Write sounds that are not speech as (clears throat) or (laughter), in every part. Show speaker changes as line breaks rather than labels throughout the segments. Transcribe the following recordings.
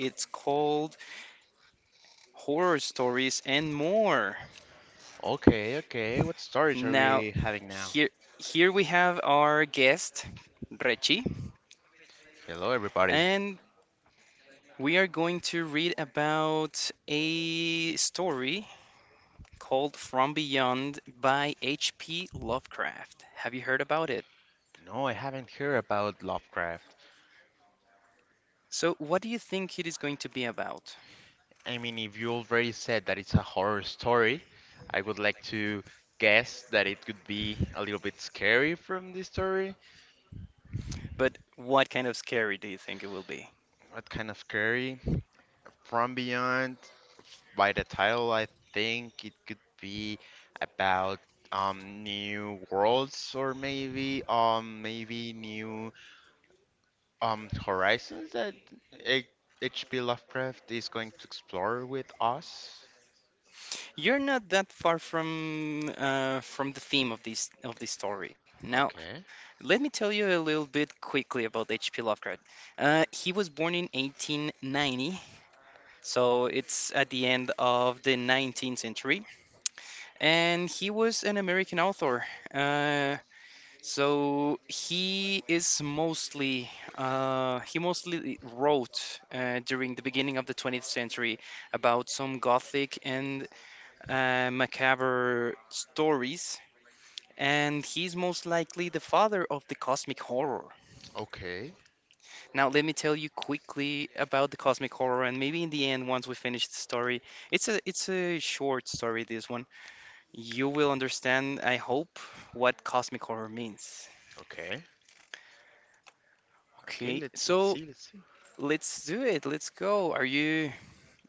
It's called Horror Stories and More.
Okay, okay. What stories are
Now,
we having now?
here here we have our guest, Rechi,
Hello, everybody.
and we are going to read about a story called From Beyond by H.P. Lovecraft. Have you heard about it?
No, I haven't heard about Lovecraft.
So, what do you think it is going to be about?
I mean, if you already said that it's a horror story, I would like to guess that it could be a little bit scary from this story.
But what kind of scary do you think it will be?
What kind of scary? From Beyond, by the title, I think it could be about new worlds or maybe maybe new horizons that H- H.P. Lovecraft is going to explore with us.
You're not that far from the theme of this story. Now,
Okay.
let me tell you a little bit quickly about H.P. Lovecraft. He was born in 1890, so it's at the end of the 19th century, and he was an American author. Uh, so he is mostly he mostly wrote during the beginning of the 20th century about some Gothic and macabre stories, and he's most likely the father of the cosmic horror.
Okay.
Now, let me tell you quickly about the cosmic horror, and maybe in the end, once we finish the story, it's a short story, this one. You will understand, I hope, what cosmic horror means.
Okay. Okay,
Okay,
let let's
so
see, let's see.
let's do it. Let's go. Are you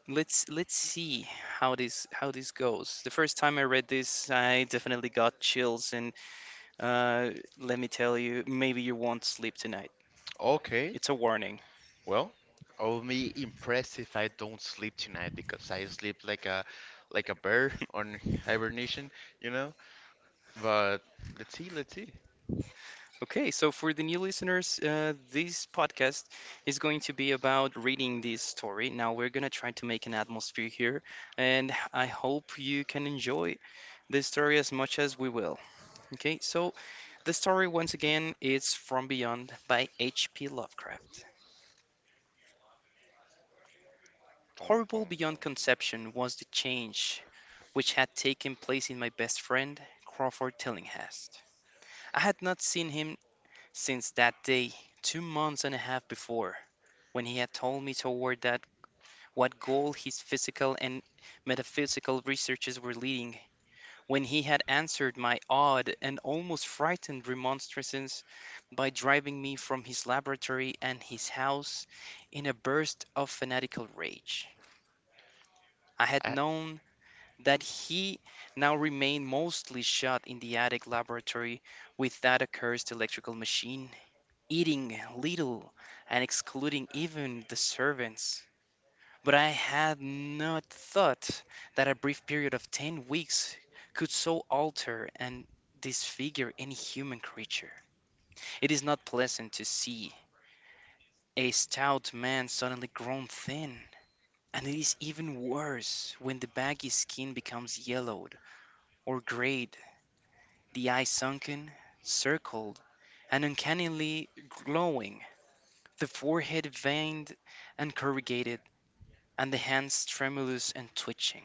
Let's see how this goes. The first time I read this, I definitely got chills and Uh, Let me tell you, maybe you won't sleep tonight.
Okay.
It's a warning.
Well, I'll be impressed if I don't sleep tonight because I sleep like a bear on hibernation, you know? But let's see, let's see.
Okay, so for the new listeners, this podcast is going to be about reading this story. Now, we're going to try to make an atmosphere here, and I hope you can enjoy this story as much as we will. Okay, so the story, once again, is From Beyond by H.P. Lovecraft.
Dun, dun,
Horrible
dun.
beyond conception was the change which had taken place in my best friend, Crawford Tillinghast. I had not seen him since that day, 2 months and a half before, when he had told me toward that what goal his physical and metaphysical researches were leading, when he had answered my odd and almost frightened remonstrances by driving me from his laboratory and his house in a burst of fanatical rage. I had
I,
known that he now remained mostly shut in the attic laboratory with that accursed electrical machine, eating little and excluding even the servants. But I had not thought that a brief period of 10 weeks could so alter and disfigure any human creature. It is not pleasant to see a stout man suddenly grown thin, and it is even worse when the baggy skin becomes yellowed or grayed, the eyes sunken, circled, and uncannily glowing, the forehead veined and corrugated, and the hands tremulous and twitching.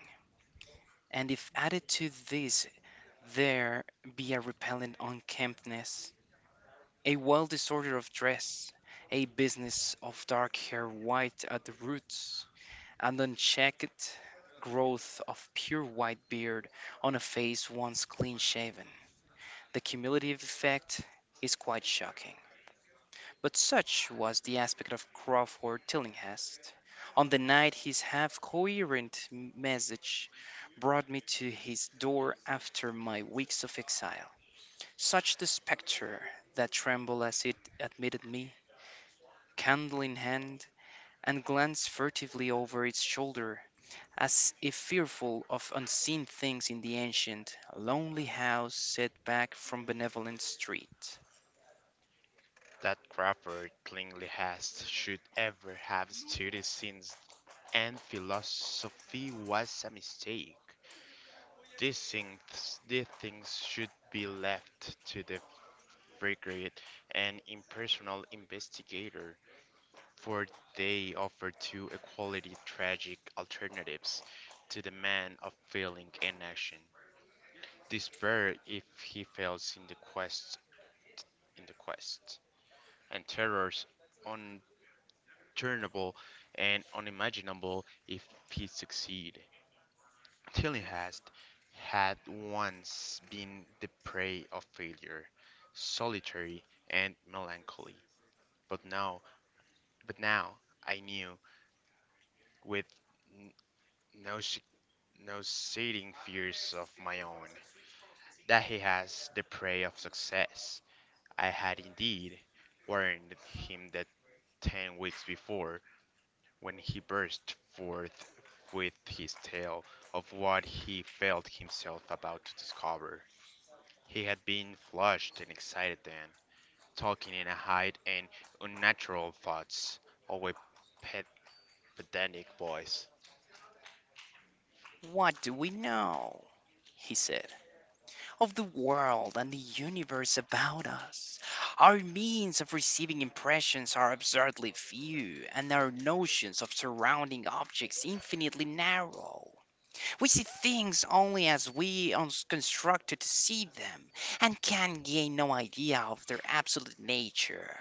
And if added to this there be a repellent unkemptness, a wild disorder of dress, a business of dark hair white at the roots, an unchecked growth of pure white beard on a face once clean shaven, the cumulative effect is quite shocking. But such was the aspect of Crawford Tillinghast on the night his half coherent message brought me to his door after my weeks of exile; such the spectre that trembled as it admitted me, candle in hand, and glanced furtively over its shoulder, as if fearful of unseen things in the ancient, lonely house set back from Benevolent Street.
that Crawford Klingley has should ever have studied since and philosophy was a mistake. These things should be left to the frigate and impersonal investigator, for they offer two equally tragic alternatives to the man of feeling and action. Despair if he fails in the quest, and terrors unturnable and unimaginable if he succeed. Tillinghast had once been the prey of failure, solitary and melancholy. But now, but now I knew, with n- no nauseating fears of my own, that he has the prey of success. I had indeed warned him that 10 weeks before, when he burst forth with his tale of what he felt himself about to discover. He had been flushed and excited then, talking in a high and unnatural thoughts, or a pet pedantic voice.
"What do we know?" he said. "Of the world and the universe about us. Our means of receiving impressions are absurdly few, and our notions of surrounding objects infinitely narrow. We see things only as we are constructed to see them, and can gain no idea of their absolute nature.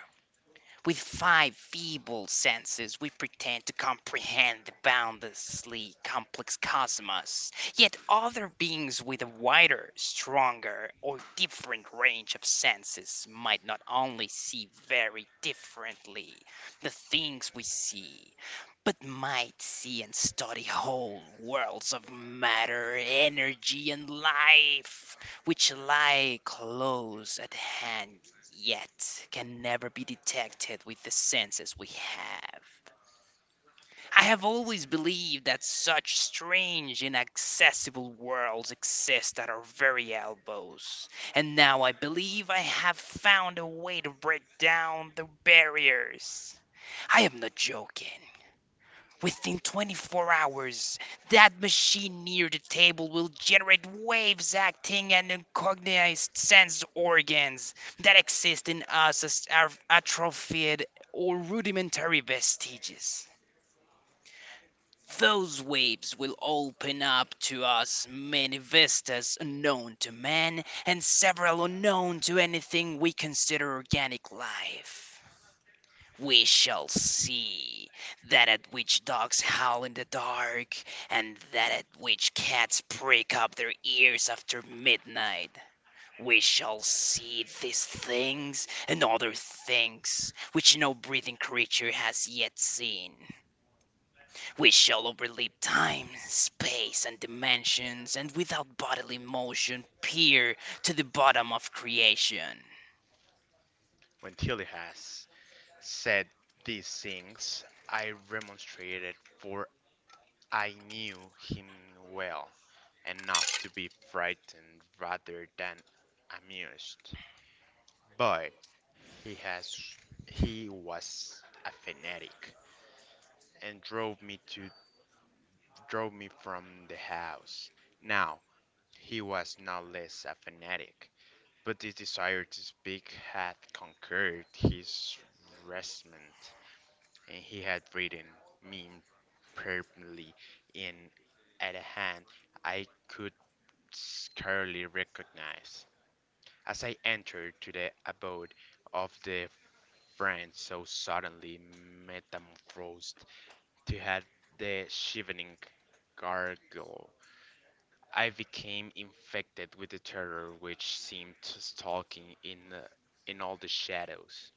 With five feeble senses we pretend to comprehend the boundlessly complex cosmos, yet other beings with a wider, stronger, or different range of senses might not only see very differently the things we see, but might see and study whole worlds of matter, energy, and life, which lie close at hand, yet can never be detected with the senses we have. I have always believed that such strange, inaccessible worlds exist at our very elbows, and now I believe I have found a way to break down the barriers. I am not joking. Within 24 hours, that machine near the table will generate waves acting on uncognized sense organs that exist in us as atrophied or rudimentary vestiges. Those waves will open up to us many vistas unknown to man and several unknown to anything we consider organic life. We shall see. That at which dogs howl in the dark, and that at which cats prick up their ears after midnight. We shall see these things and other things which no breathing creature has yet seen. We shall overleap time, space, and dimensions, and without bodily motion peer to the bottom of creation."
When Tillie has said these things I remonstrated, for I knew him well enough to be frightened rather than amused. But he has he was a fanatic, and drove me from the house. Now he was no less a fanatic, but his desire to speak had conquered his resentment, and he had written me imperatively in at a hand I could scarcely recognize. As I entered to the abode of the friend so suddenly metamorphosed, to have the shivering gargoyle I became infected with the terror which seemed stalking in all the shadows.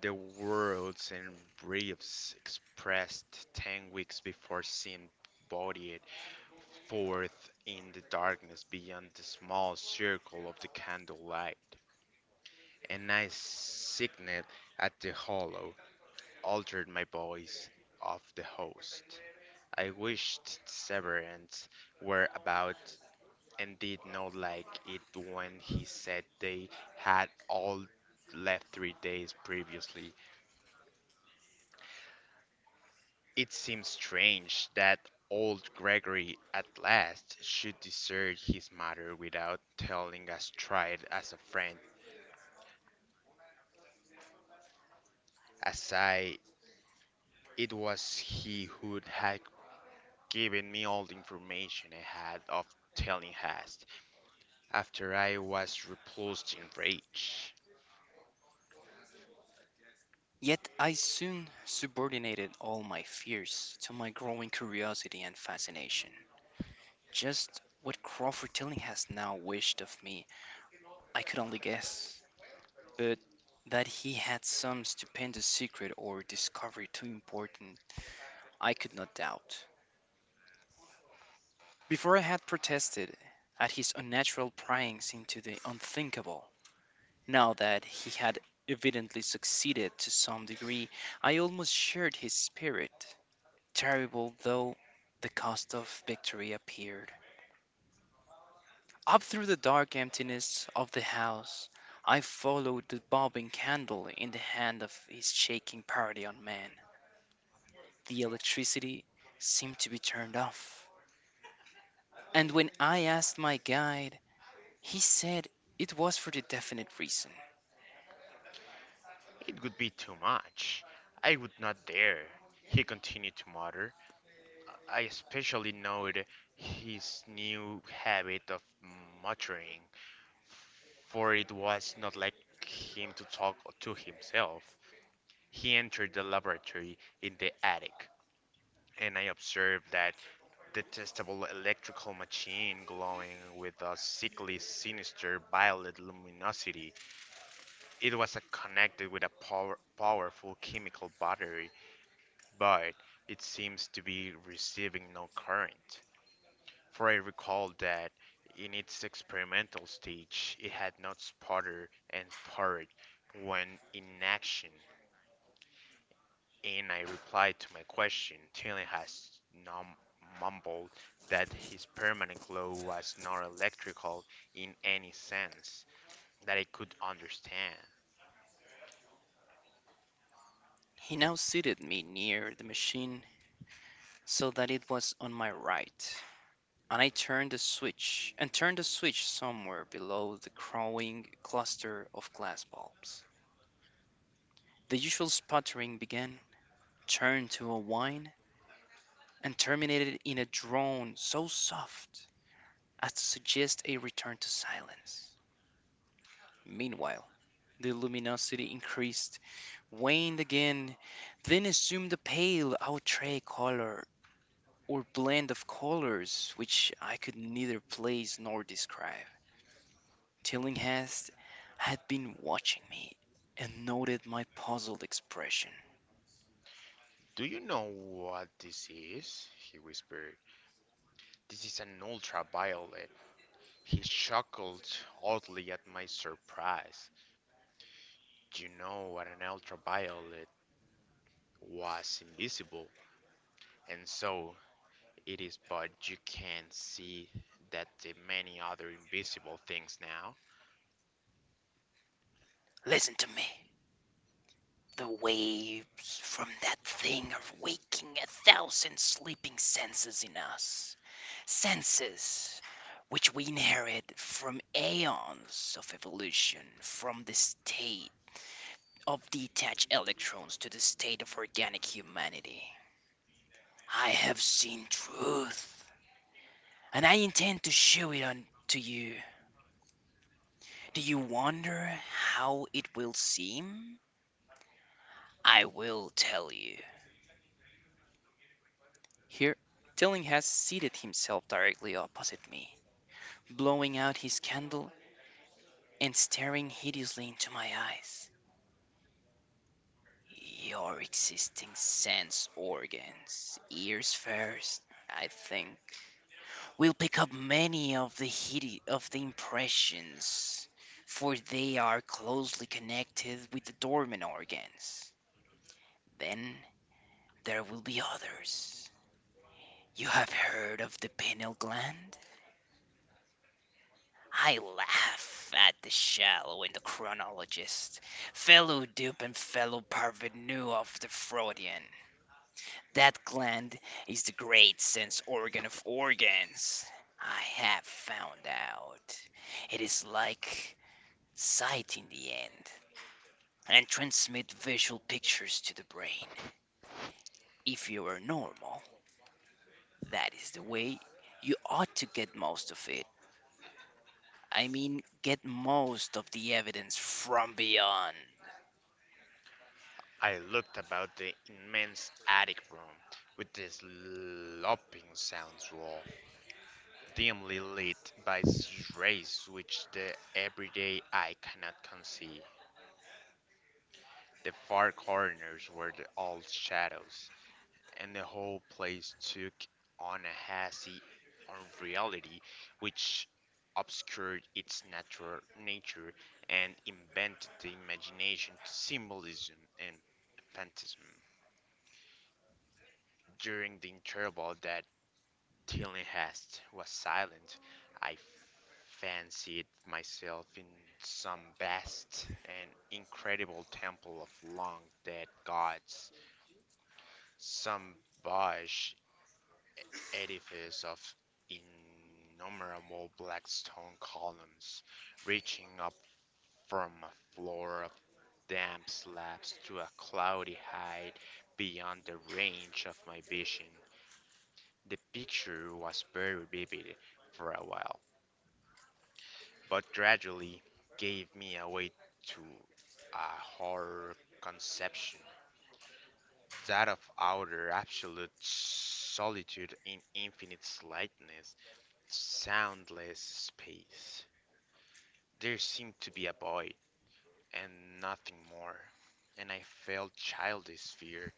The words and briefs expressed 10 weeks before seemed bodied forth in the darkness beyond the small circle of the candlelight. And I signed at the hollow, altered my voice of the host. I wished severance were about and did not like it when he said they had all left 3 days previously. It seems strange that old Gregory at last should desert his mother without telling us tried as a friend, as I it was he who had given me all the information I had of telling Hast after I was repulsed in rage.
Yet I soon subordinated all my fears to my growing curiosity and fascination. Just what Crawford Tilling has now wished of me, I could only guess. But that he had some stupendous secret or discovery too important, I could not doubt. Before I had protested at his unnatural pryings into the unthinkable. Now that he had evidently succeeded to some degree, I almost shared his spirit. Terrible though the cost of victory appeared. Up through the dark emptiness of the house I followed the bobbing candle in the hand of his shaking party on man. The electricity seemed to be turned off, and when I asked my guide, he said it was for the definite reason.
It would be too much. I would not dare, he continued to mutter. I especially noted his new habit of muttering, for it was not like him to talk to himself. He entered the laboratory in the attic, and I observed that detestable electrical machine glowing with a sickly, sinister violet luminosity. It was connected with a powerful chemical battery, but it seems to be receiving no current. For I recall that in its experimental stage, it had not sputtered and purred when in action, and I replied to my question. Taylor has mumbled that his permanent glow was not electrical in any sense that I could understand.
He now seated me near the machine so that it was on my right, and I turned the switch and turned the switch somewhere below the crowing cluster of glass bulbs. The usual sputtering began, turned to a whine, and terminated in a drone so soft as to suggest a return to silence. Meanwhile, the luminosity increased, waned again, then assumed a pale outre color or blend of colors which I could neither place nor describe. Tillinghast had been watching me, and noted my puzzled expression.
Do you know what this is? He whispered. This is an ultraviolet. He chuckled oddly at my surprise. You know that an ultraviolet was invisible, and so it is but you can see that the many other invisible things now.
"Listen to me. The waves from that thing are waking a thousand sleeping senses in us, senses which we inherited from aeons of evolution, from the state of detached electrons to the state of organic humanity. I have seen truth, and I intend to show it on to you. Do you wonder how it will seem? I will tell you." Here, Tilling has seated himself directly opposite me, blowing out his candle and staring hideously into my eyes. "Your existing sense organs, ears first, I think, will pick up many of the impressions, for they are closely connected with the dormant organs. Then there will be others. You have heard of the pineal gland? I laugh at the shallow and the chronologist, fellow dupe and fellow parvenu of the Freudian. That gland is the great sense organ of organs. I have found out. It is like sight in the end, and transmit visual pictures to the brain. If you are normal, that is the way you ought to get most of it. I mean, get most of the evidence from beyond."
I looked about the immense attic room with the sloping sound wall, dimly lit by rays which the everyday eye cannot conceive. The far corners were all shadows, and the whole place took on a hazy unreality which obscured its natural nature and invented the imagination to symbolism and phantasm. During the interval that Tillinghast was silent, I fancied myself in some vast and incredible temple of long dead gods, some bush edifice of innumerable black stone columns, reaching up from a floor of damp slabs to a cloudy height beyond the range of my vision. The picture was very vivid for a while, but gradually gave me away to a horror conception, that of outer absolute solitude in infinite slightness. Soundless space. There seemed to be a void, and nothing more, and I felt childish fear,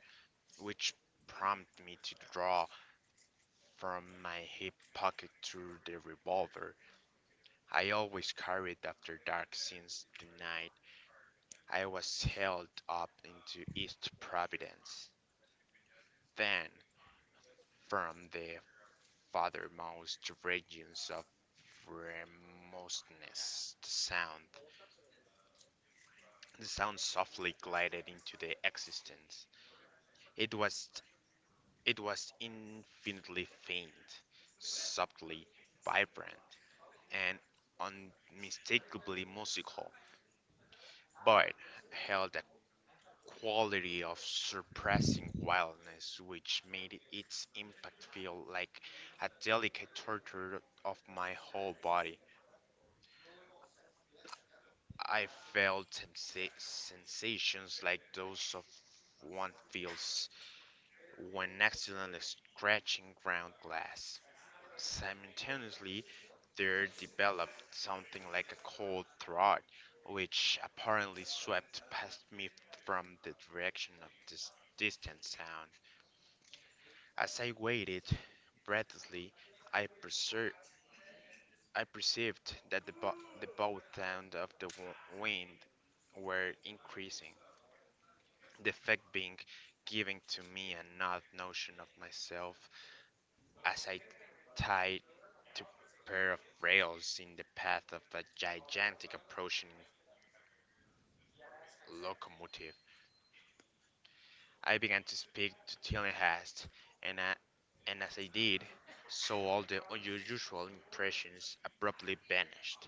which prompted me to draw from my hip pocket through the revolver I always carried after dark since the night I was held up into East Providence. Then, from the farthermost regions of remoteness, the sound softly glided into the existence. It was it was infinitely faint, subtly vibrant, and unmistakably musical, but held a quality of surpassing wildness which made its impact feel like a delicate torture of my whole body. I felt sensations like those of one feels when accidentally scratching ground glass. Simultaneously, there developed something like a cold throat, which apparently swept past me from the direction of this distant sound. As I waited breathlessly, I, percer- I perceived that the bow sound of the wind were increasing, the effect being giving to me an odd notion of myself as I tied two pair of rails in the path of a gigantic approaching locomotive. I began to speak to Tillinghast, and, I, and as I did so, all the unusual impressions abruptly vanished.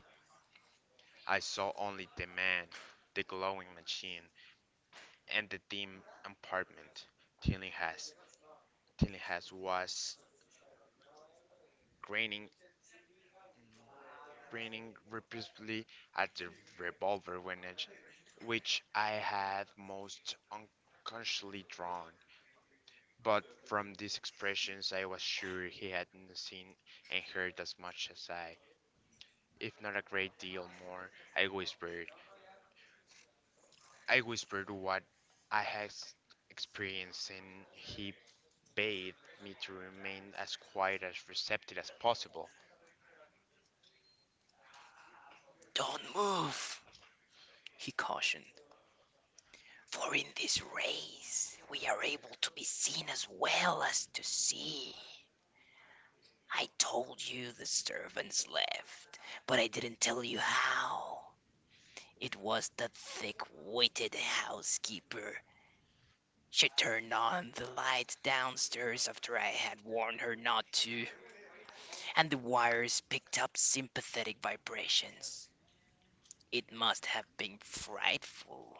I saw only the man, the glowing machine, and the dim apartment. Tillinghast, Tillinghast was grinning grinning repeatedly at the revolver, which I had most unconsciously drawn. But from these expressions, I was sure he hadn't seen and heard as much as I, if not a great deal more. I whispered. I whispered what I had experienced, and he bade me to remain as quiet as receptive as possible.
"Don't move," he cautioned, "for in this race we are able to be seen as well as to see. I told you the servants left, but I didn't tell you how. It was the thick witted housekeeper. She turned on the lights downstairs after I had warned her not to, and the wires picked up sympathetic vibrations. It must have been frightful.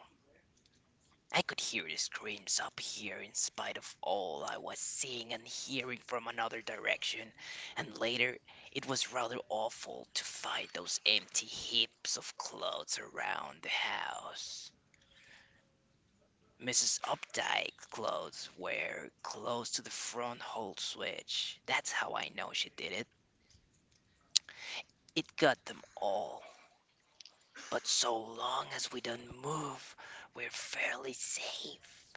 I could hear the screams up here in spite of all I was seeing and hearing from another direction, and later it was rather awful to find those empty heaps of clothes around the house. Mrs. Opdyke's clothes were close to the front hall switch. That's how I know she did it. It got them all. But so long as we don't move, we're fairly safe.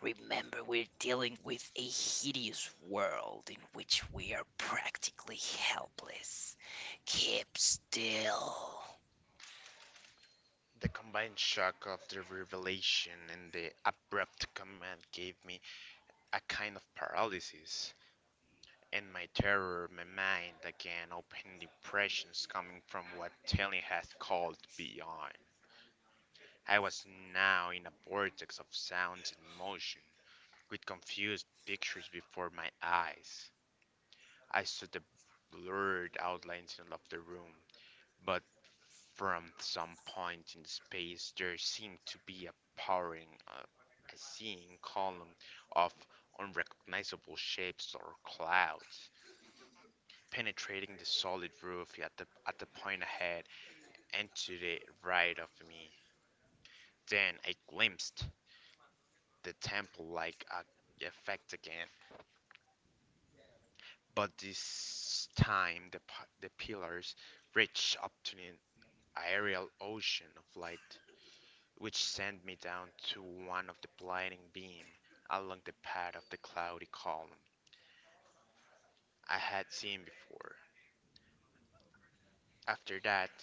Remember, we're dealing with a hideous world in which we are practically helpless. Keep still."
The combined shock of the revelation and the abrupt command gave me a kind of paralysis, and my terror, my mind again opened impressions coming from what Telly had called beyond. I was now in a vortex of sounds and motion, with confused pictures before my eyes. I saw the blurred outlines of the room, but from some point in space there seemed to be a powering, uh, a seeing column of unrecognizable shapes or clouds, penetrating the solid roof at at the point ahead and to the right of me. Then I glimpsed the temple like effect again, but this time the pillars reached up to an aerial ocean of light, which sent me down to one of the blinding beams along the path of the cloudy column I had seen before. After that,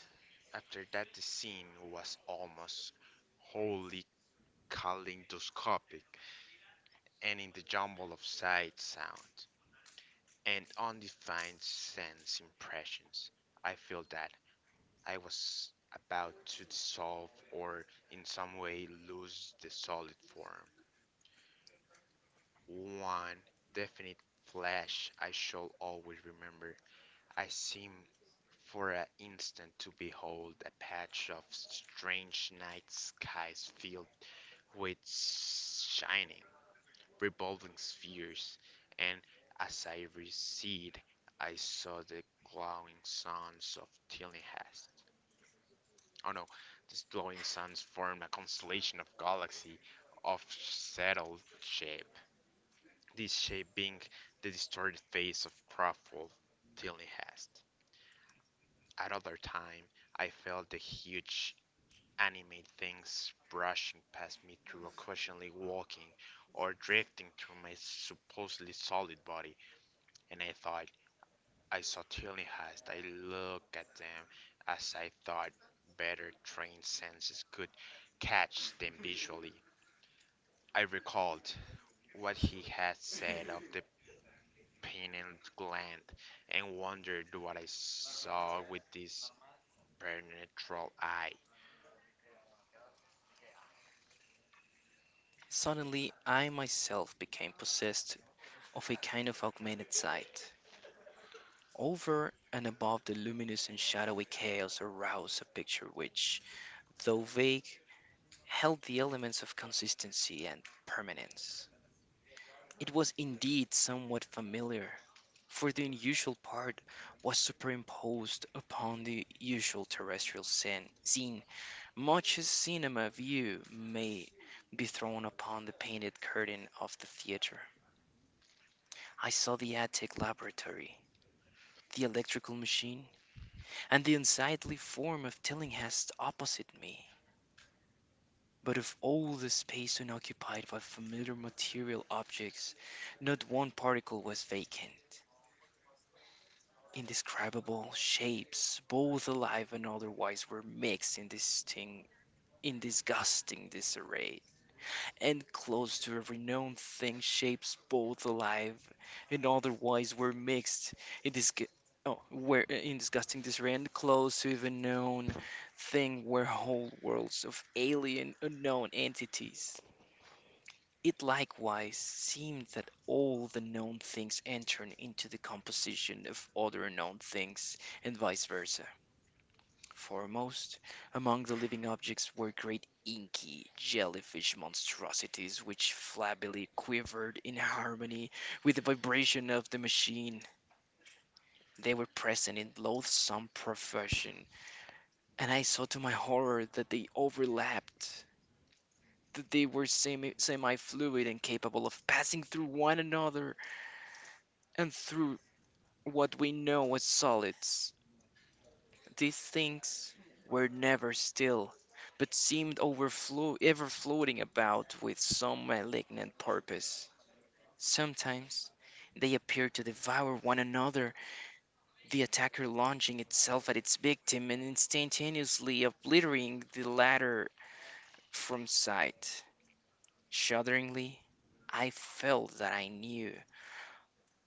after that, the scene was almost wholly kaleidoscopic, and in the jumble of sight, sound, and undefined sense impressions, I feel that I was about to dissolve or in some way lose the solid form. One definite flash I shall always remember. I seem for an instant to behold a patch of strange night skies filled with shining revolving spheres, and as I recede, I saw the glowing suns of Tillinghast. Oh no, these glowing suns formed a constellation of galaxies of settled shape, this shape being the distorted face of Crawford Tillinghast. At other time, I felt the huge animate things brushing past me through occasionally walking or drifting through my supposedly solid body, and I thought I certainly has. I looked at them as I thought better trained senses could catch them visually. I recalled what he had said of the pineal gland and wondered what I saw with this penetral eye.
Suddenly, I myself became possessed of a kind of augmented sight. Over and above the luminous and shadowy chaos arose a picture which, though vague, held the elements of consistency and permanence. It was indeed somewhat familiar, for the unusual part was superimposed upon the usual terrestrial scene, much as cinema view may be thrown upon the painted curtain of the theater. I saw the attic laboratory, the electrical machine, and the unsightly form of Tillinghast opposite me. But of all the space unoccupied by familiar material objects, not one particle was vacant. Indescribable shapes, both alive and otherwise, were mixed in this thing, in disgusting disarray, and close to every known thing shapes both alive and otherwise were mixed in this oh, were in disgusting disarray and close to even known thing were whole worlds of alien unknown entities. It likewise seemed that all the known things entered into the composition of other known things, and vice versa. Foremost among the living objects were great inky jellyfish monstrosities which flabbily quivered in harmony with the vibration of the machine. They were present in loathsome profusion, and I saw to my horror that they overlapped, that they were semi fluid and capable of passing through one another. And through what we know as solids, these things were never still, but seemed overflow ever floating about with some malignant purpose. Sometimes they appeared to devour one another, the attacker launching itself at its victim and instantaneously obliterating the latter from sight. Shudderingly, I felt that I knew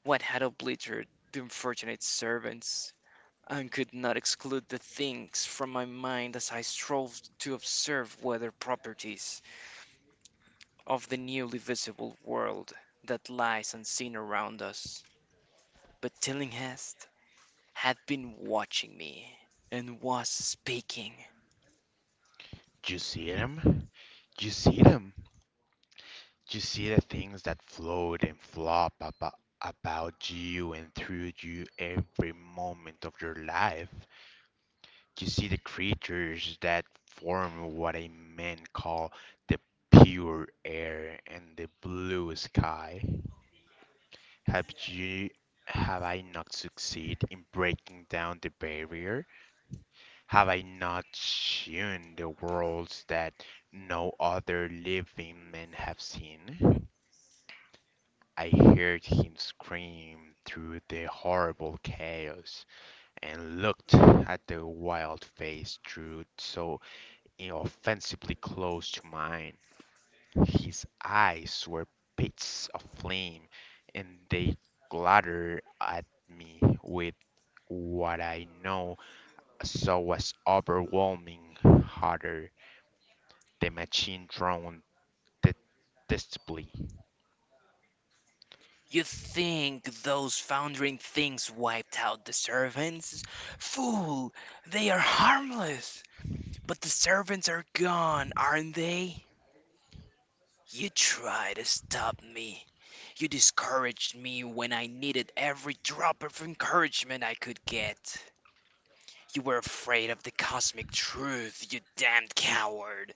what had obliterated the unfortunate servants, and could not exclude the things from my mind as I strove to observe weather properties of the newly visible world that lies unseen around us. But Tillinghast had been watching me and was speaking.
You see them? You see them? You see the things that float and flop about you and through you every moment of your life. You see the creatures that form what a man call the pure air and the blue sky. Have you have I not succeeded in breaking down the barrier? Have I not shown the worlds that no other living men have seen? I heard him scream through the horrible chaos and looked at the wild face through so and offensively close to mine. His eyes were pits of flame, and they glutted at me with what I know so was overwhelming horror. The machine droned detestably.
You think those foundering things wiped out the servants? Fool! They are harmless! But the servants are gone, aren't they? You try to stop me. You discouraged me when I needed every drop of encouragement I could get. You were afraid of the cosmic truth, you damned coward.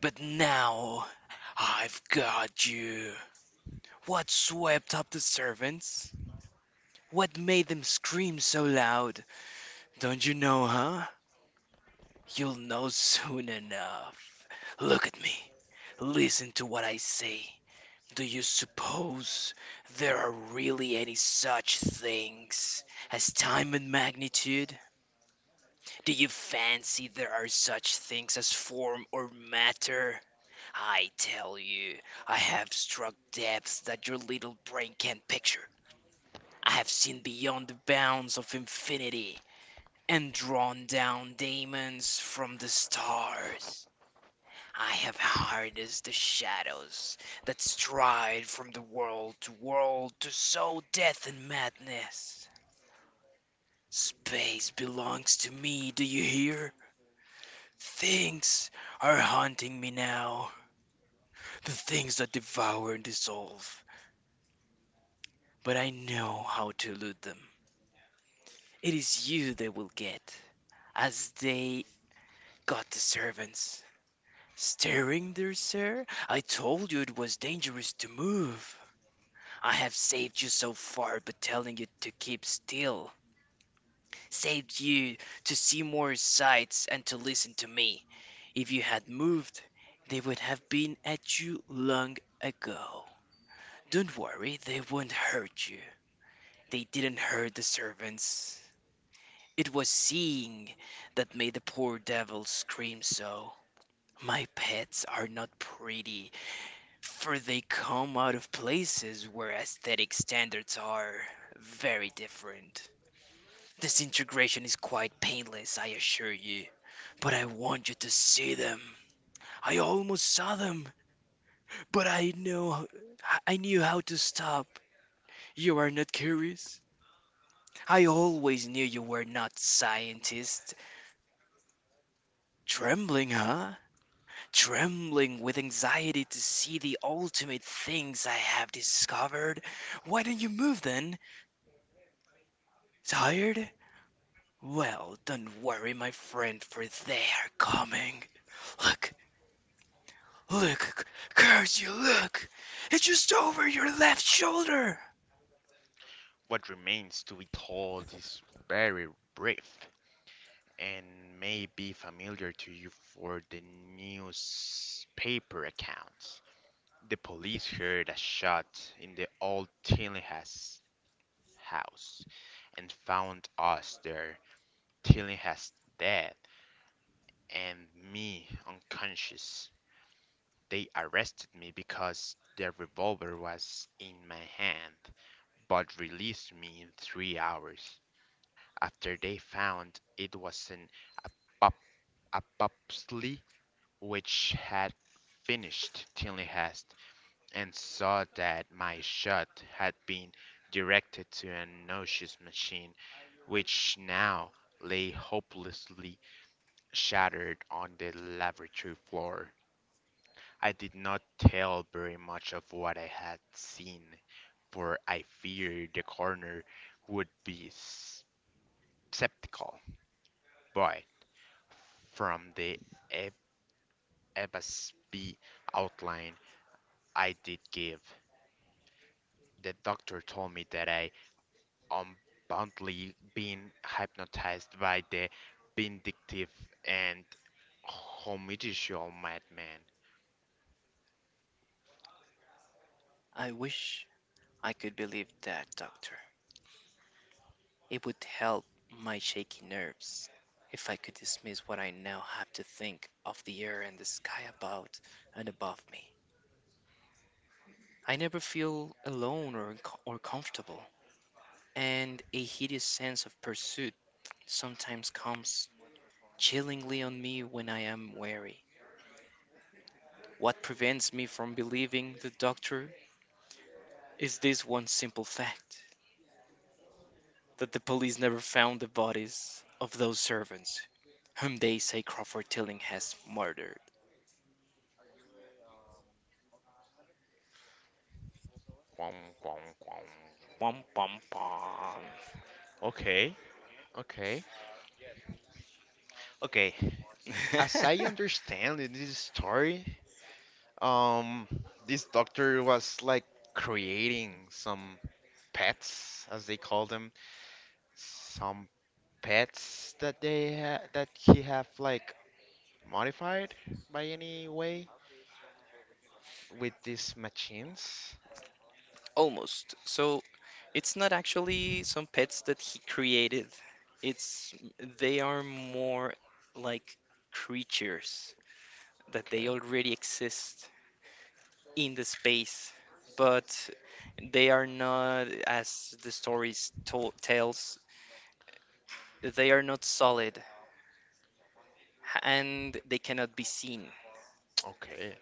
But now I've got you. What swept up the servants? What made them scream so loud? Don't you know, huh? You'll know soon enough. Look at me. Listen to what I say. Do you suppose there are really any such things as time and magnitude? Do you fancy there are such things as form or matter? I tell you, I have struck depths that your little brain can't picture. I have seen beyond the bounds of infinity, and drawn down diamonds from the stars. I have harnessed the shadows that stride from the world to world to sow death and madness. Space belongs to me, do you hear? Things are haunting me now, the things that devour and dissolve, but I know how to elude them. It is you they will get, as they got the servants. Stirring there, sir? I told you it was dangerous to move. I have saved you so far by telling you to keep still, saved you to see more sights and to listen to me. If you had moved, they would have been at you long ago. Don't worry, they won't hurt you. They didn't hurt the servants. It was seeing that made the poor devil scream so. My pets are not pretty, for they come out of places where aesthetic standards are very different. This integration is quite painless, I assure you. But I want you to see them. I almost saw them, but I knew how to stop. You are not curious? I always knew you were not scientists. Trembling, huh? Trembling with anxiety to see the ultimate things I have discovered. Why don't you move then? Tired? Well, don't worry, my friend, for they are coming. Look, "Look, curse you, look! It's just over your left shoulder!"
What remains to be told is very brief and may be familiar to you for the newspaper accounts. The police heard a shot in the old Tillinghast house and found us there, Tillinghast dead and me unconscious. They arrested me because the revolver was in my hand, but released me in 3 hours after they found it was an apop- apopsy which had finished Tillinghast, and saw that my shot had been directed to an noxious machine, which now lay hopelessly shattered on the laboratory floor. I did not tell very much of what I had seen, for I feared the coroner would be skeptical. But from the F- FSB outline I did give, the doctor told me that I unboundly being hypnotized by the vindictive and homidicial madman.
I wish I could believe that, doctor. It would help my shaky nerves if I could dismiss what I now have to think of the air and the sky about and above me. I never feel alone or comfortable, and a hideous sense of pursuit sometimes comes chillingly on me when I am weary. What prevents me from believing the doctor is this one simple fact, that the police never found the bodies of those servants whom they say Crawford Tilling has murdered.
Quong, quong, quong.
Bum, bum, bum.
Okay, okay, okay. As I
(laughs)
understand in this story, um, this doctor was like creating some pets, as they call them, some pets that they ha that he have like modified by any way with these machines.
Almost. So it's not actually some pets that he created. It's they are more like creatures that they
Okay.
already exist in the space, but they are not as the stories to tells. They are not solid and they cannot be seen.
Okay.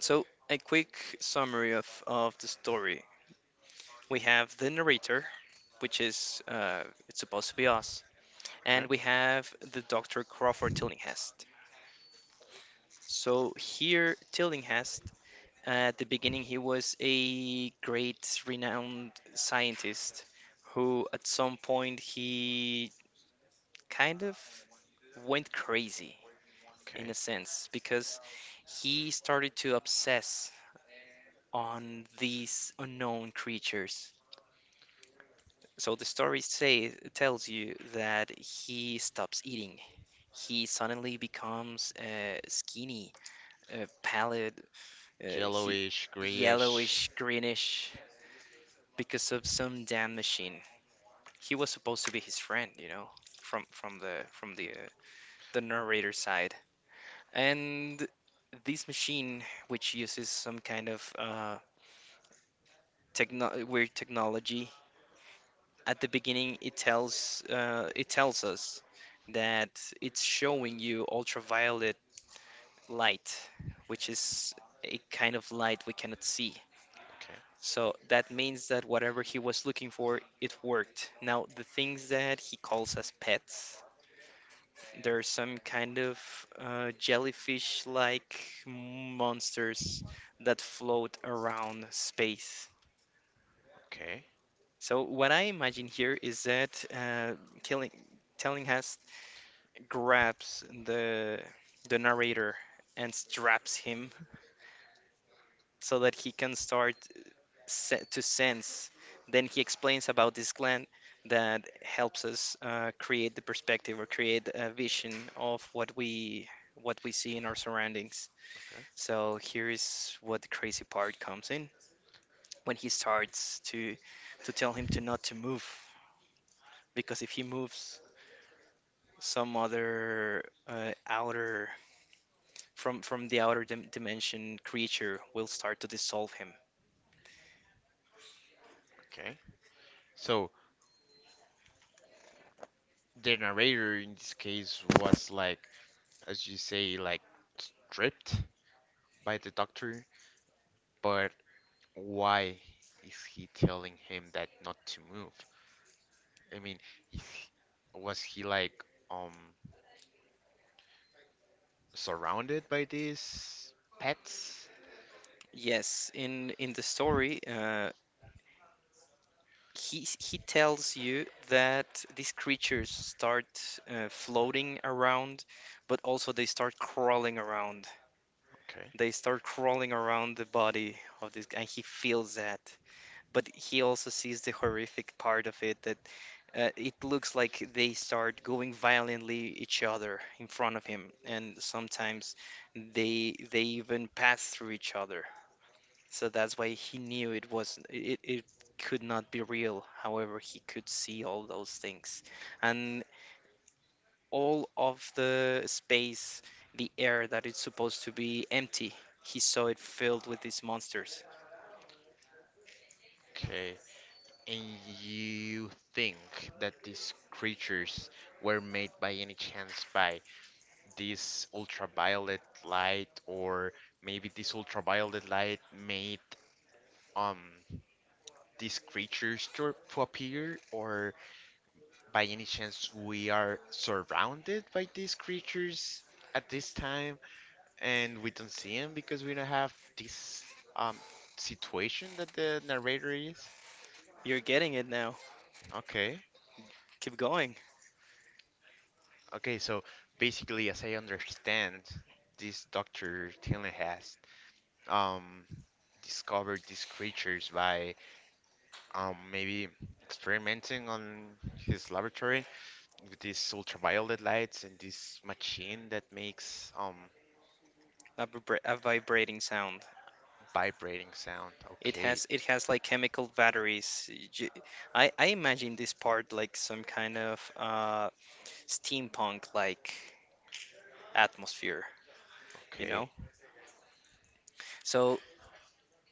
So, a quick summary of the story. We have the narrator, which is it's supposed to be us,
Okay.
and we have the Dr. Crawford Tillinghast. So here, Tillinghast, at the beginning, he was a great, renowned scientist who, at some point, he kind of went crazy in a
Okay.
sense because he started to obsess on these unknown creatures. So the story tells you that he stops eating. He suddenly becomes skinny, pallid, uh, he,
Yellowish, grayish.
yellowish, greenish because of some damn machine. He was supposed to be his friend, you know, from the the narrator side. And this machine, which uses some kind of techno weird technology, at the beginning it tells us that it's showing you ultraviolet light, which is a kind of light we cannot see.
Okay.
So that means that whatever he was looking for, it worked. Now, the things that he calls as pets, there are some kind of jellyfish like monsters that float around space.
Okay.
So, what I imagine here is that telling, telling us grabs the narrator and straps him so that he can start to sense. Then he explains about this gland that helps us create the perspective or create a vision of what we see in our surroundings.
Okay.
So here is what the crazy part comes in when he starts to tell him to not to move, because if he moves, some other outer, from the outer dimension creature will start to dissolve him.
Okay. So the narrator in this case was like, as you say, like stripped by the doctor. But why is he telling him that not to move? I mean, is he- was he like um surrounded by these pets?
Yes, in the story, he tells you that these creatures start floating around, but also they start crawling around.
Okay.
They start crawling around the body of this, and he feels that, but he also sees the horrific part of it, that it looks like they start going violently each other in front of him, and sometimes they even pass through each other. So that's why he knew it could not be real. However, he could see all those things, and all of the space, the air that is supposed to be empty, he saw it filled with these monsters.
Okay. And you think that these creatures were made by any chance by this ultraviolet light, or maybe this ultraviolet light made um these creatures to appear, or by any chance we are surrounded by these creatures at this time and we don't see them because we don't have this um situation that the narrator is?
You're getting it now.
Okay.
Keep going.
Okay, so basically, as I understand, this Dr. Tilling has um, discovered these creatures by maybe experimenting on his laboratory with these ultraviolet lights and this machine that makes
A vibra a vibrating sound.
vibrating sound.
It
Okay,
has like chemical batteries. I imagine this part like some kind of steampunk like atmosphere, you know?
okay,
So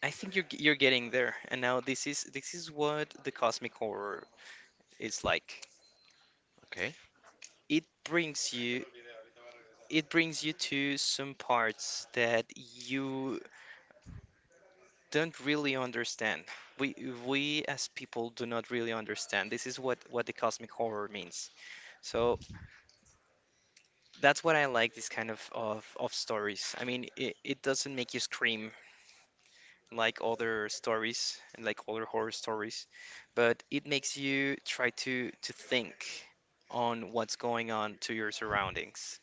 I think you're getting there. And now this is what the cosmic horror is like.
okay,
It brings you it brings you to some parts that you don't really understand. We we as people do not really understand. This is what the cosmic horror means. So that's what I like, this kind of stories. I mean, it doesn't make you scream like other stories, like other horror stories, but it makes you try to think on what's going on to your surroundings.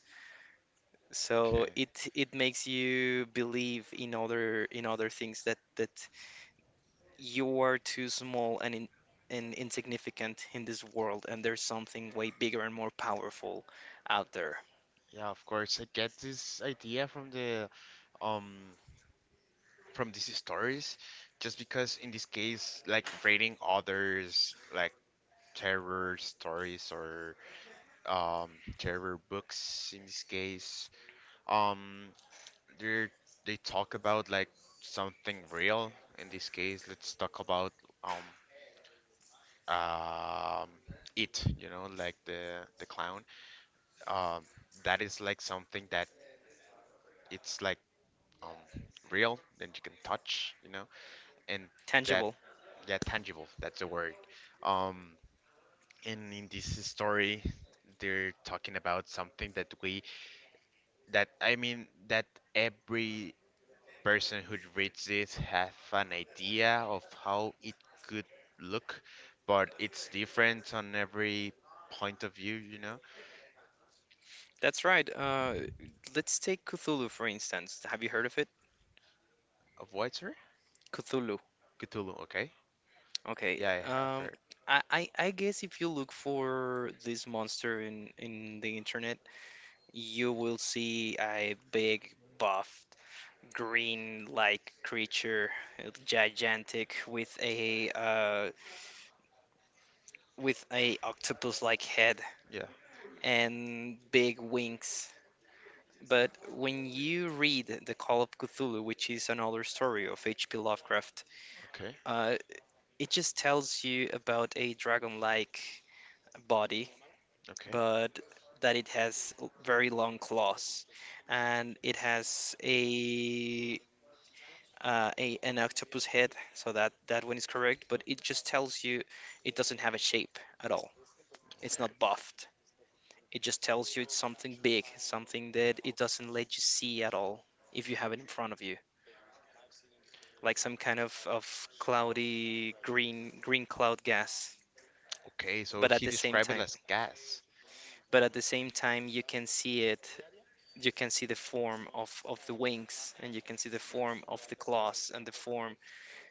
So
okay.
it makes you believe in other things, that that you are too small and and insignificant in this world, and there's something way bigger and more powerful out there.
Yeah, of course, I get this idea from the um from these stories just because in this case, like rating others like terror stories or um, terror books in this case. Um, they they talk about like something real. In this case, let's talk about um, um, it. Like the clown. Um, that is like something that it's like um, real that you can touch. And that,
Tangible.
yeah, tangible. That's the word. Um, and in this story, they're talking about something that, I mean, that every person who reads it have an idea of how it could look, but it's different on every point of view, you know?
That's right. Let's take Cthulhu for instance. Have you heard of it?
Of what, sorry?
Cthulhu.
Cthulhu, okay.
Okay.
Yeah, I have heard.
I guess if you look for this monster in the internet, you will see a big, buffed, green-like creature, gigantic, with a with a octopus-like head
Yeah.
and big wings. But when you read The Call of Cthulhu, which is another story of H.P. Lovecraft,
Okay.
uh, it just tells you about a dragon-like body,
Okay.
but that it has very long claws, and it has a an octopus head, so that that one is correct. But it just tells you it doesn't have a shape at all. It's
Okay.
not buffed. It just tells you it's something big, something that it doesn't let you see at all if you have it in front of you, like some kind of cloudy green cloud gas.
Okay, so
But at
he
the same
described it
time,
as gas.
but at the same time you can see it, you can see the form of the wings, and you can see the form of the claws and the form,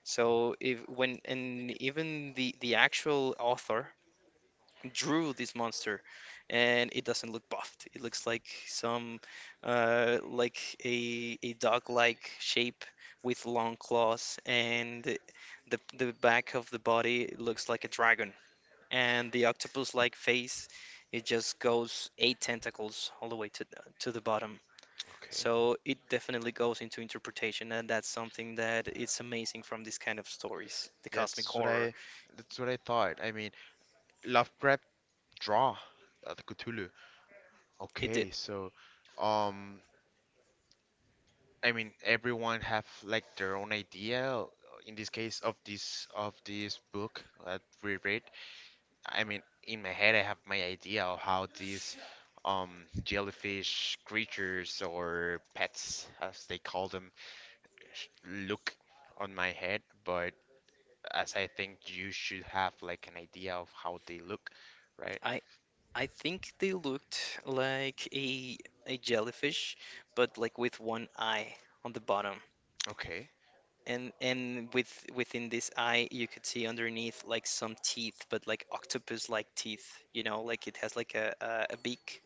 so if when, and even the actual author drew this monster, and it doesn't look buffed, it looks like some uh, like a dog like shape with long claws, and the back of the body looks like a dragon, and the octopus-like face, it just goes eight tentacles all the way to the bottom.
Okay.
So it definitely goes into interpretation, and that's something that it's amazing from these kind of stories. The
Yeah,
cosmic horror.
that's what I thought. I mean, Lovecraft draw the Cthulhu.
He did.
Okay, so um I mean, everyone have like their own idea in this case of this book that we read. I mean, in my head, I have my idea of how these jellyfish creatures or pets, as they call them, look on my head. But as I think, you should have like an idea of how they look, right?
I I think they looked like a jellyfish, but like with one eye on the bottom.
Okay,
And within this eye you could see underneath like some teeth, but like octopus like teeth, you know, like it has like a beak.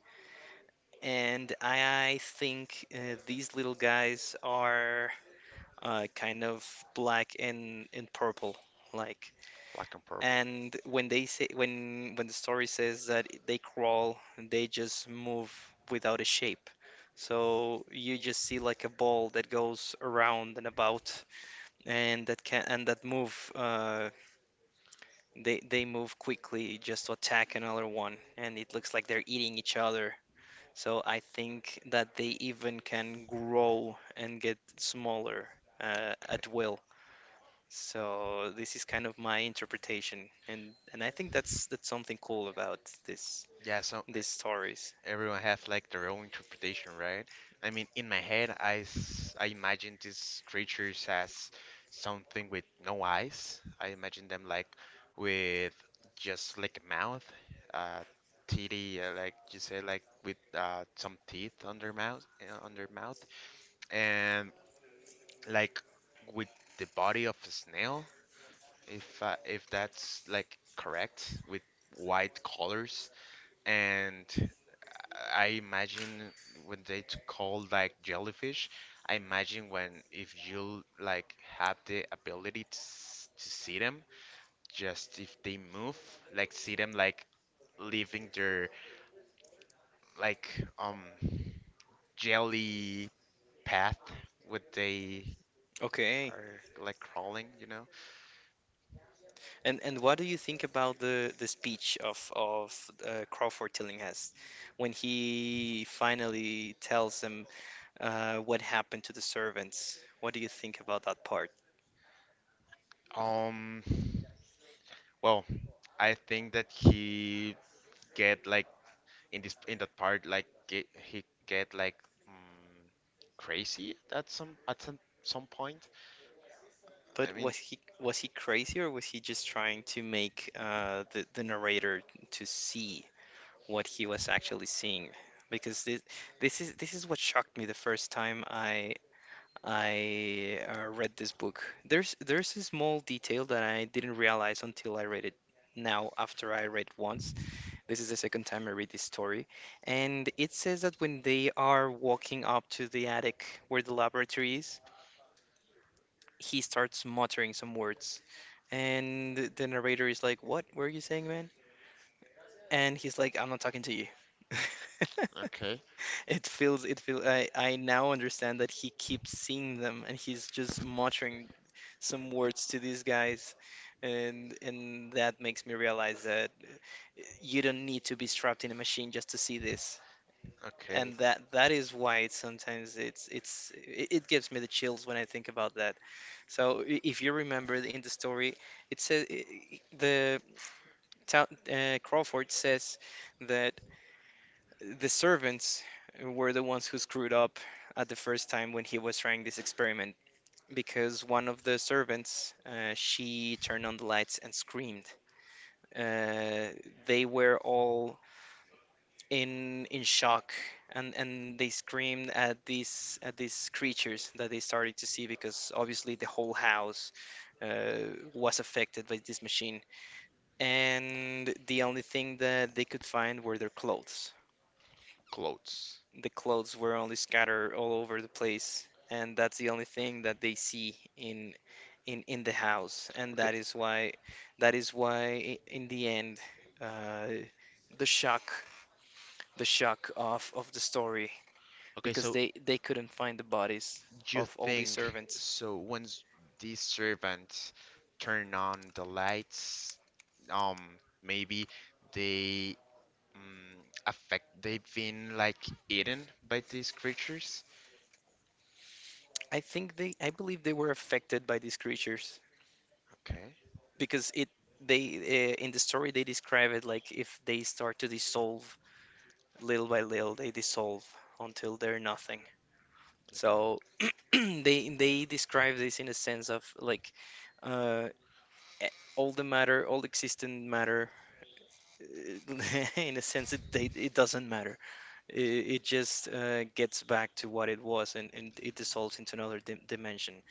And I think these little guys are kind of black and purple, like.
black and purple.
And when they say, when the story says that they crawl, they just move without a shape. So you just see like a ball that goes around and about, and that can and that move. They move quickly just to attack another one, and it looks like they're eating each other, so I think that they even can grow and get smaller
Okay.
at will. So this is kind of my interpretation, and I think that's something cool about this
Yeah, so
these stories.
everyone has like their own interpretation, right? I mean, in my head, I imagine these creatures as something with no eyes. I imagine them like with just like a mouth, uh, teethy, like you say, like with some teeth on their mouth, and like with the body of a snail, if that's like correct, with white colors, and I imagine when call like jellyfish, I imagine when, if you like have the ability to see them, just if they move, like see them like leaving their like jelly path what they
Okay,
are like crawling.
and what do you think about the speech of of Crawford Tillinghast when he finally tells him what happened to the servants? What do you think about that part?
Um, well, I think that he get like in that part like he get like mm, crazy at some point. I
But
mean.
was he crazy, or was he just trying to make the narrator to see what he was actually seeing? Because this is what shocked me the first time I read this book. There's a small detail that I didn't realize until I read it. Now, after I read it once, this is the second time I read this story, and it says that when they are walking up to the attic where the laboratory is, he starts muttering some words. And the narrator is like, "What were you saying, man?" And he's like, "I'm not talking to you." (laughs)
Okay.
I now understand that he keeps seeing them and he's just muttering some words to these guys. And that makes me realize that you don't need to be strapped in a machine just to see this, and
Okay.
that is why it's sometimes it gives me the chills when I think about that. So if you remember in the story, it says the town, Crawford says that the servants were the ones who screwed up at the first time when he was trying this experiment, because one of the servants she turned on the lights and screamed. Uh, they were all in shock, and they screamed at these creatures that they started to see, because obviously the whole house was affected by this machine, and the only thing that they could find were their clothes.
Clothes.
The clothes were only scattered all over the place, and that's the only thing that they see in in the house. And
Okay.
that is why that is why in the end, uh, the shock, of the story,
Okay.
because
So
they couldn't find the bodies
you
of all these
think
servants.
so, once these servants turn on the lights, um maybe they, mm, affect, they've been like eaten by these creatures.
I think they, I believe they were affected by these creatures,
Okay.
because it they, in the story they describe it like if they start to dissolve. Little by little they dissolve, until they're nothing.
Okay.
So (clears throat) they describe this in a sense of like, uh, e- all the matter, all existent matter, (laughs) in a sense it they, it doesn't matter. It just gets back to what it was, and it dissolves into another dimension.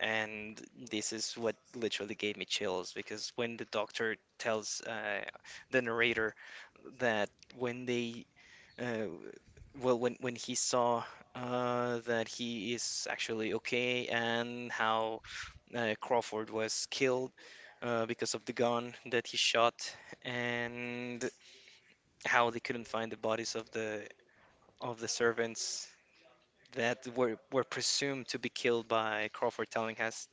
And this is what literally gave me chills, because when the doctor tells the narrator that when they, uh, well, when he saw that he is actually okay, and how Crawford was killed because of the gun that he shot, and how they couldn't find the bodies of the servants that were presumed to be killed by Crawford telling us,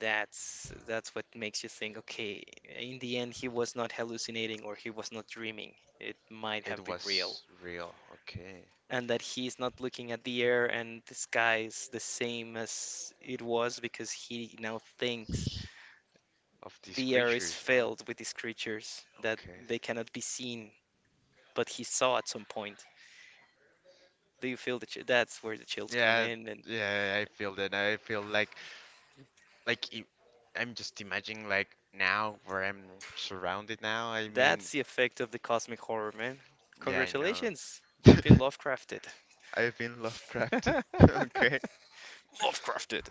that's what makes you think, okay, in the end he was not hallucinating or he was not dreaming. It might
It
have been real.
was real. Okay.
And that he's not looking at the air, and the sky is the same as it was, because he now thinks
Of these
the air is
creatures. Huh?
filled with these creatures that
Okay.
they cannot be seen, but he saw at some point. Do you feel that that's where the chills come
Yeah,
in? And
yeah, I feel that. I feel like I'm just imagining like now where I'm surrounded now. I
that's
mean,
the effect of the cosmic horror, man.
yeah, I know.
Congratulations, you've been
(laughs)
Lovecrafted.
I've been Lovecrafted. (laughs)
(laughs)
Okay.
Lovecrafted.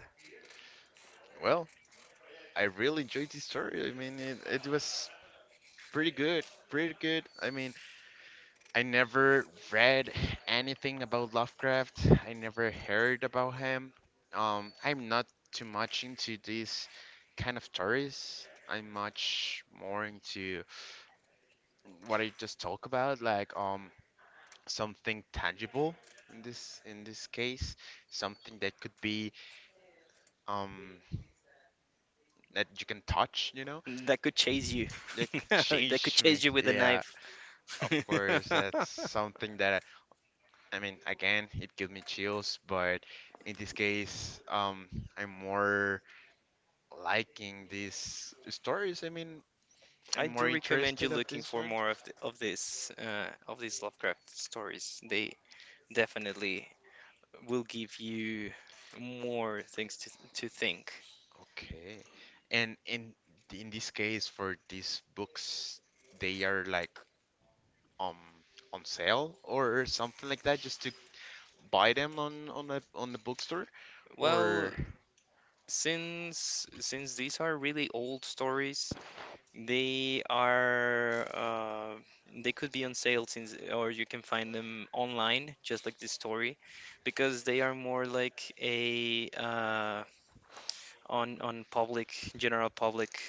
Well, I really enjoyed this story. I mean, it was pretty good. Pretty good. I mean, I never read anything about Lovecraft. I never heard about him. I'm not too much into these kind of stories. I'm much more into what I just talk about, like something tangible in this case, something that could be um that you can touch,
That could chase you.
that
(laughs)
could (laughs)
That could
change me.
chase you with a
Yeah,
knife.
of course,
(laughs)
that's something that, I mean, again, it gives me chills, but in this case, I'm more liking these stories. I mean,
I
I'm
do
more
recommend you
interested of
looking
this
for
one.
more of the, of this of these Lovecraft stories. They definitely will give you more things to think.
Okay. And in this case, for these books, they are like um on sale or something like that, just to buy them on the bookstore,
Well,
or
since these are really old stories, they are they could be on sale since, or you can find them online, just like this story, because they are more like a on public, general public.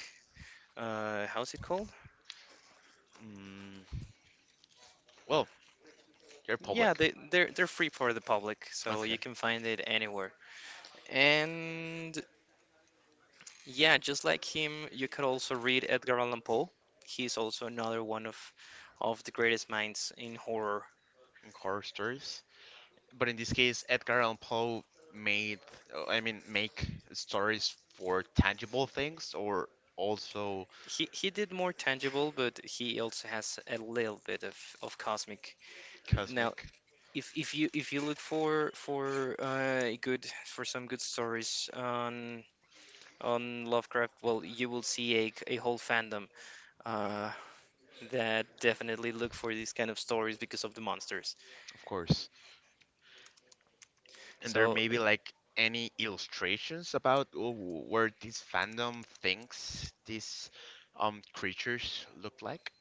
How's it called?
mm, well, they're
Yeah,
public.
they're free for the public, so
Okay.
you can find it anywhere. And yeah, just like him, you could also read Edgar Allan Poe. He's also another one of the greatest minds in horror.
In horror stories. But in this case, Edgar Allan Poe made, I mean, make stories for tangible things or also
He did more tangible, but he also has a little bit of cosmic. Now,
cosmic,
if you look for good for some good stories on Lovecraft, well, you will see a whole fandom uh that definitely look for these kind of stories because of the monsters.
of course. And there
So
may be like any illustrations about where this fandom thinks these creatures look like.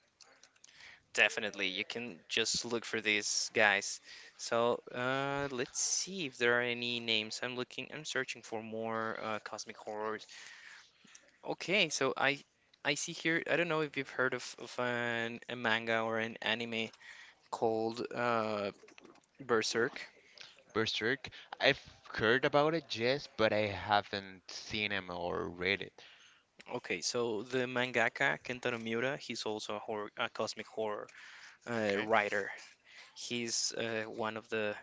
definitely you can just look for these guys. So let's see if there are any names. I'm searching for more cosmic horror. Okay, so I see here. I don't know if you've heard of, a manga or an anime called Berserk.
Berserk, I've heard about it, yes, but I haven't seen him or read it.
Okay, so the mangaka Kentaro Miura, he's also a horror, a cosmic horror
Okay.
writer. He's one of the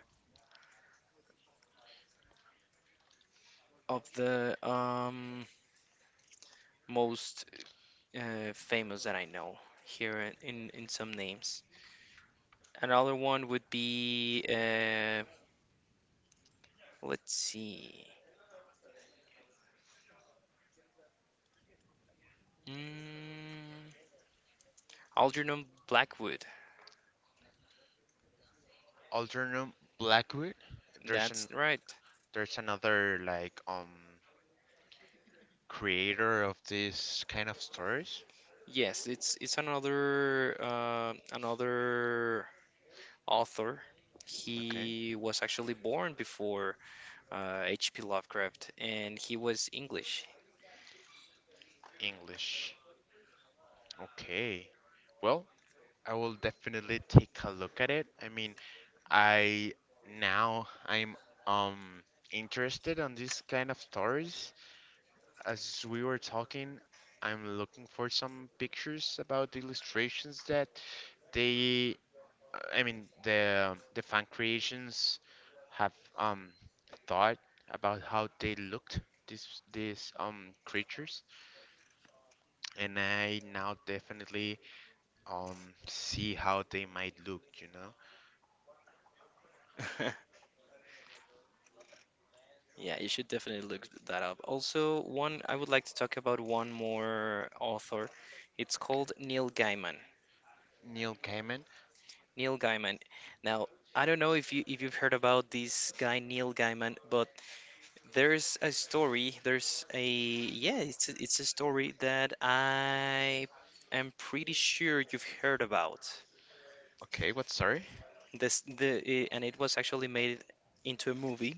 of the um, most famous that I know here in, in some names. Another one would be let's see. Mm, Algernon Blackwood.
Alternum Blackwood. There's
That's
an
right.
there's another like creator of this kind of stories?
Yes, it's another another author.
Okay.
He was actually born before H.P. Lovecraft, and he was English.
English. Okay. Well, I will definitely take a look at it. I mean, I now I'm um interested on this kind of stories. As we were talking, I'm looking for some pictures about the illustrations that they I mean the fan creations have um thought about how they looked these creatures, and I now definitely see how they might look.
(laughs) Yeah, you should definitely look that up. Also, one, I would like to talk about one more author. It's
Okay.
called Neil Gaiman.
Neil Gaiman.
Neil Gaiman. Now, I don't know if you if you've heard about this guy Neil Gaiman, but there's a story. There's a, yeah, it's a, it's a story that I am pretty sure you've heard about.
Okay, what sorry?
This and it was actually made into a movie,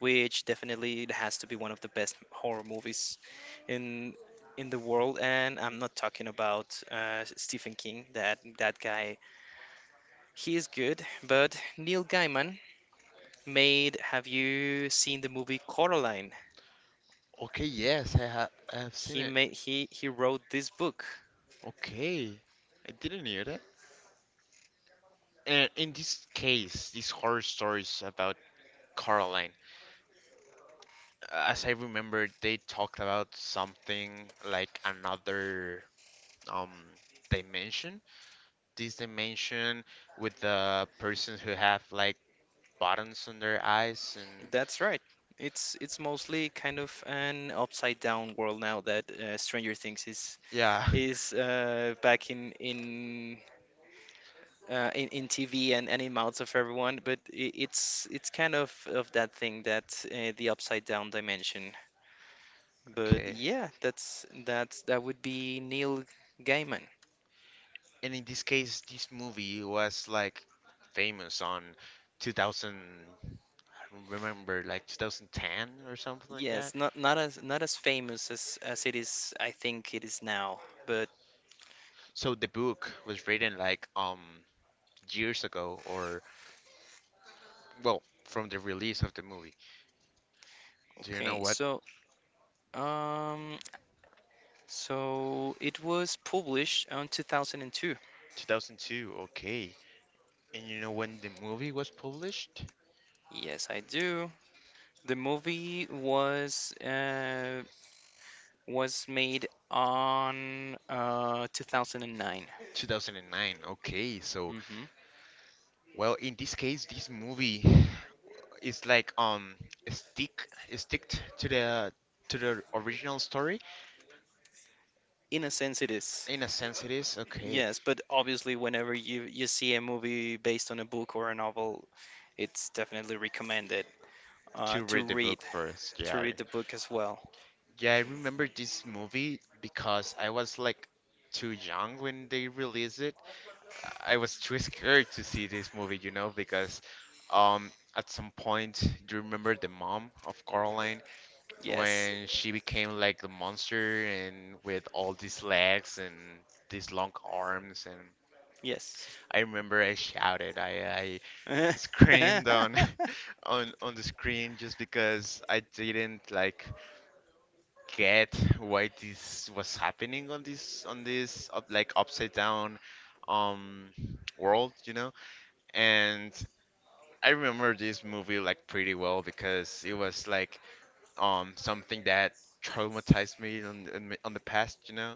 which definitely it has to be one of the best horror movies in the world. And I'm not talking about Stephen King. That guy, he is good. But Neil Gaiman made. Have you seen the movie Coraline?
Okay, yes, I have seen
He
it.
made, he wrote this book.
Okay. I didn't hear that. And in this case, these horror stories about Caroline, as I remember, they talked about something like another um dimension. This dimension with the persons who have like buttons on their eyes, and
That's right. It's mostly kind of an upside down world now that Stranger Things is
yeah,
back in in TV and in mouths of everyone. But I it's kind of that thing that the upside down dimension.
(laughs)
But
okay.
yeah, that's that would be Neil Gaiman.
And in this case, this movie was like famous on 2000, I don't remember, like 2010 or something like that.
Yes, not as famous as it is. I think it is now. But
So the book was written like years ago, or well, from the release of the movie. Do you know
okay,
what?
so um. So it was published on 2002.
2002, okay. And you know when the movie was published?
Yes, I do. The movie was made on 2009.
2009, okay. So,
Hmm
well, in this case, this movie (sighs) is like stick stick to the original story.
In a sense, it is.
In a sense, it is okay
Yes, but obviously, whenever you see a movie based on a book or a novel, it's definitely recommended
to
to
read the
read
book first. Yeah,
the book as well.
yeah. I remember this movie because I was like too young when they released it, I was too scared to see this movie, because at some point, do you remember the mom of Caroline
Yes,
when she became like the monster and with all these legs and these long arms, and
yes,
I remember I shouted, I
(laughs)
screamed on (laughs) on the screen just because I didn't like get why this was happening on this like upside down um world, you know? And I remember this movie like pretty well because it was like something that traumatized me on the past.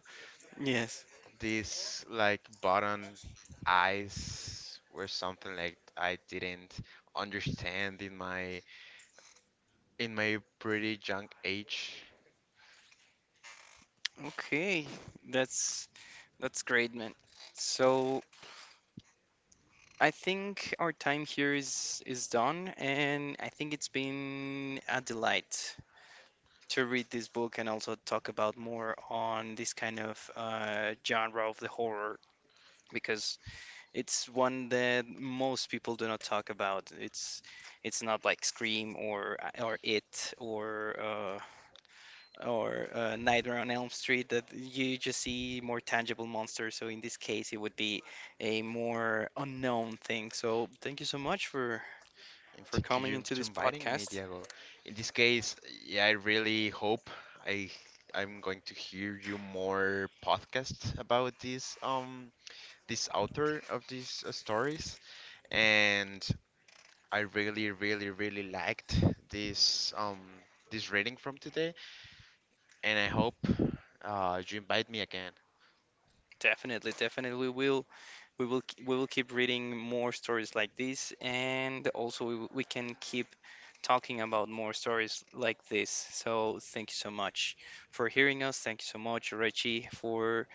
yes.
These like button eyes were something like I didn't understand in my pretty young age.
Okay, that's that's great, man. So I think our time here is done, and I think it's been a delight to read this book and also talk about more on this kind of genre of the horror, because it's one that most people do not talk about. It's not like Scream or It, or Nightmare on Elm Street, that you just see more tangible monsters. So in this case, it would be a more unknown thing. So thank you so much for
And thank
coming
you
into
to
this
inviting me,
podcast.
Diego. In this case, yeah, I really hope I I'm going to hear you more podcast about this this author of these stories, and I really, really, really liked this this reading from today, and I hope you invite me again.
Definitely, definitely, we will keep reading more stories like this, and also we can keep talking about more stories like this. So thank you so much for hearing us. Thank you so much, Reggie, for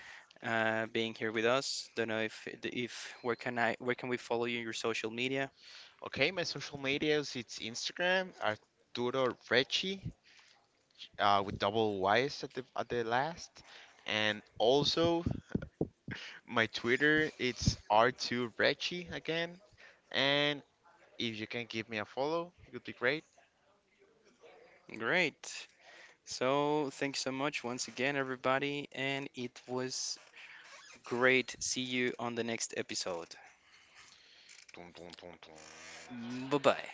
being here with us. Don't know if where can I where can we follow you in your social media?
Okay, my social medias it's Instagram Arturo Recchi with double Y's at the last, and also my Twitter it's R2 Recchi again, and if you can give me a follow, it would be great.
Great. So thanks so much once again, everybody, and it was great. See you on the next episode.
Dun, dun, dun, dun.
Bye bye.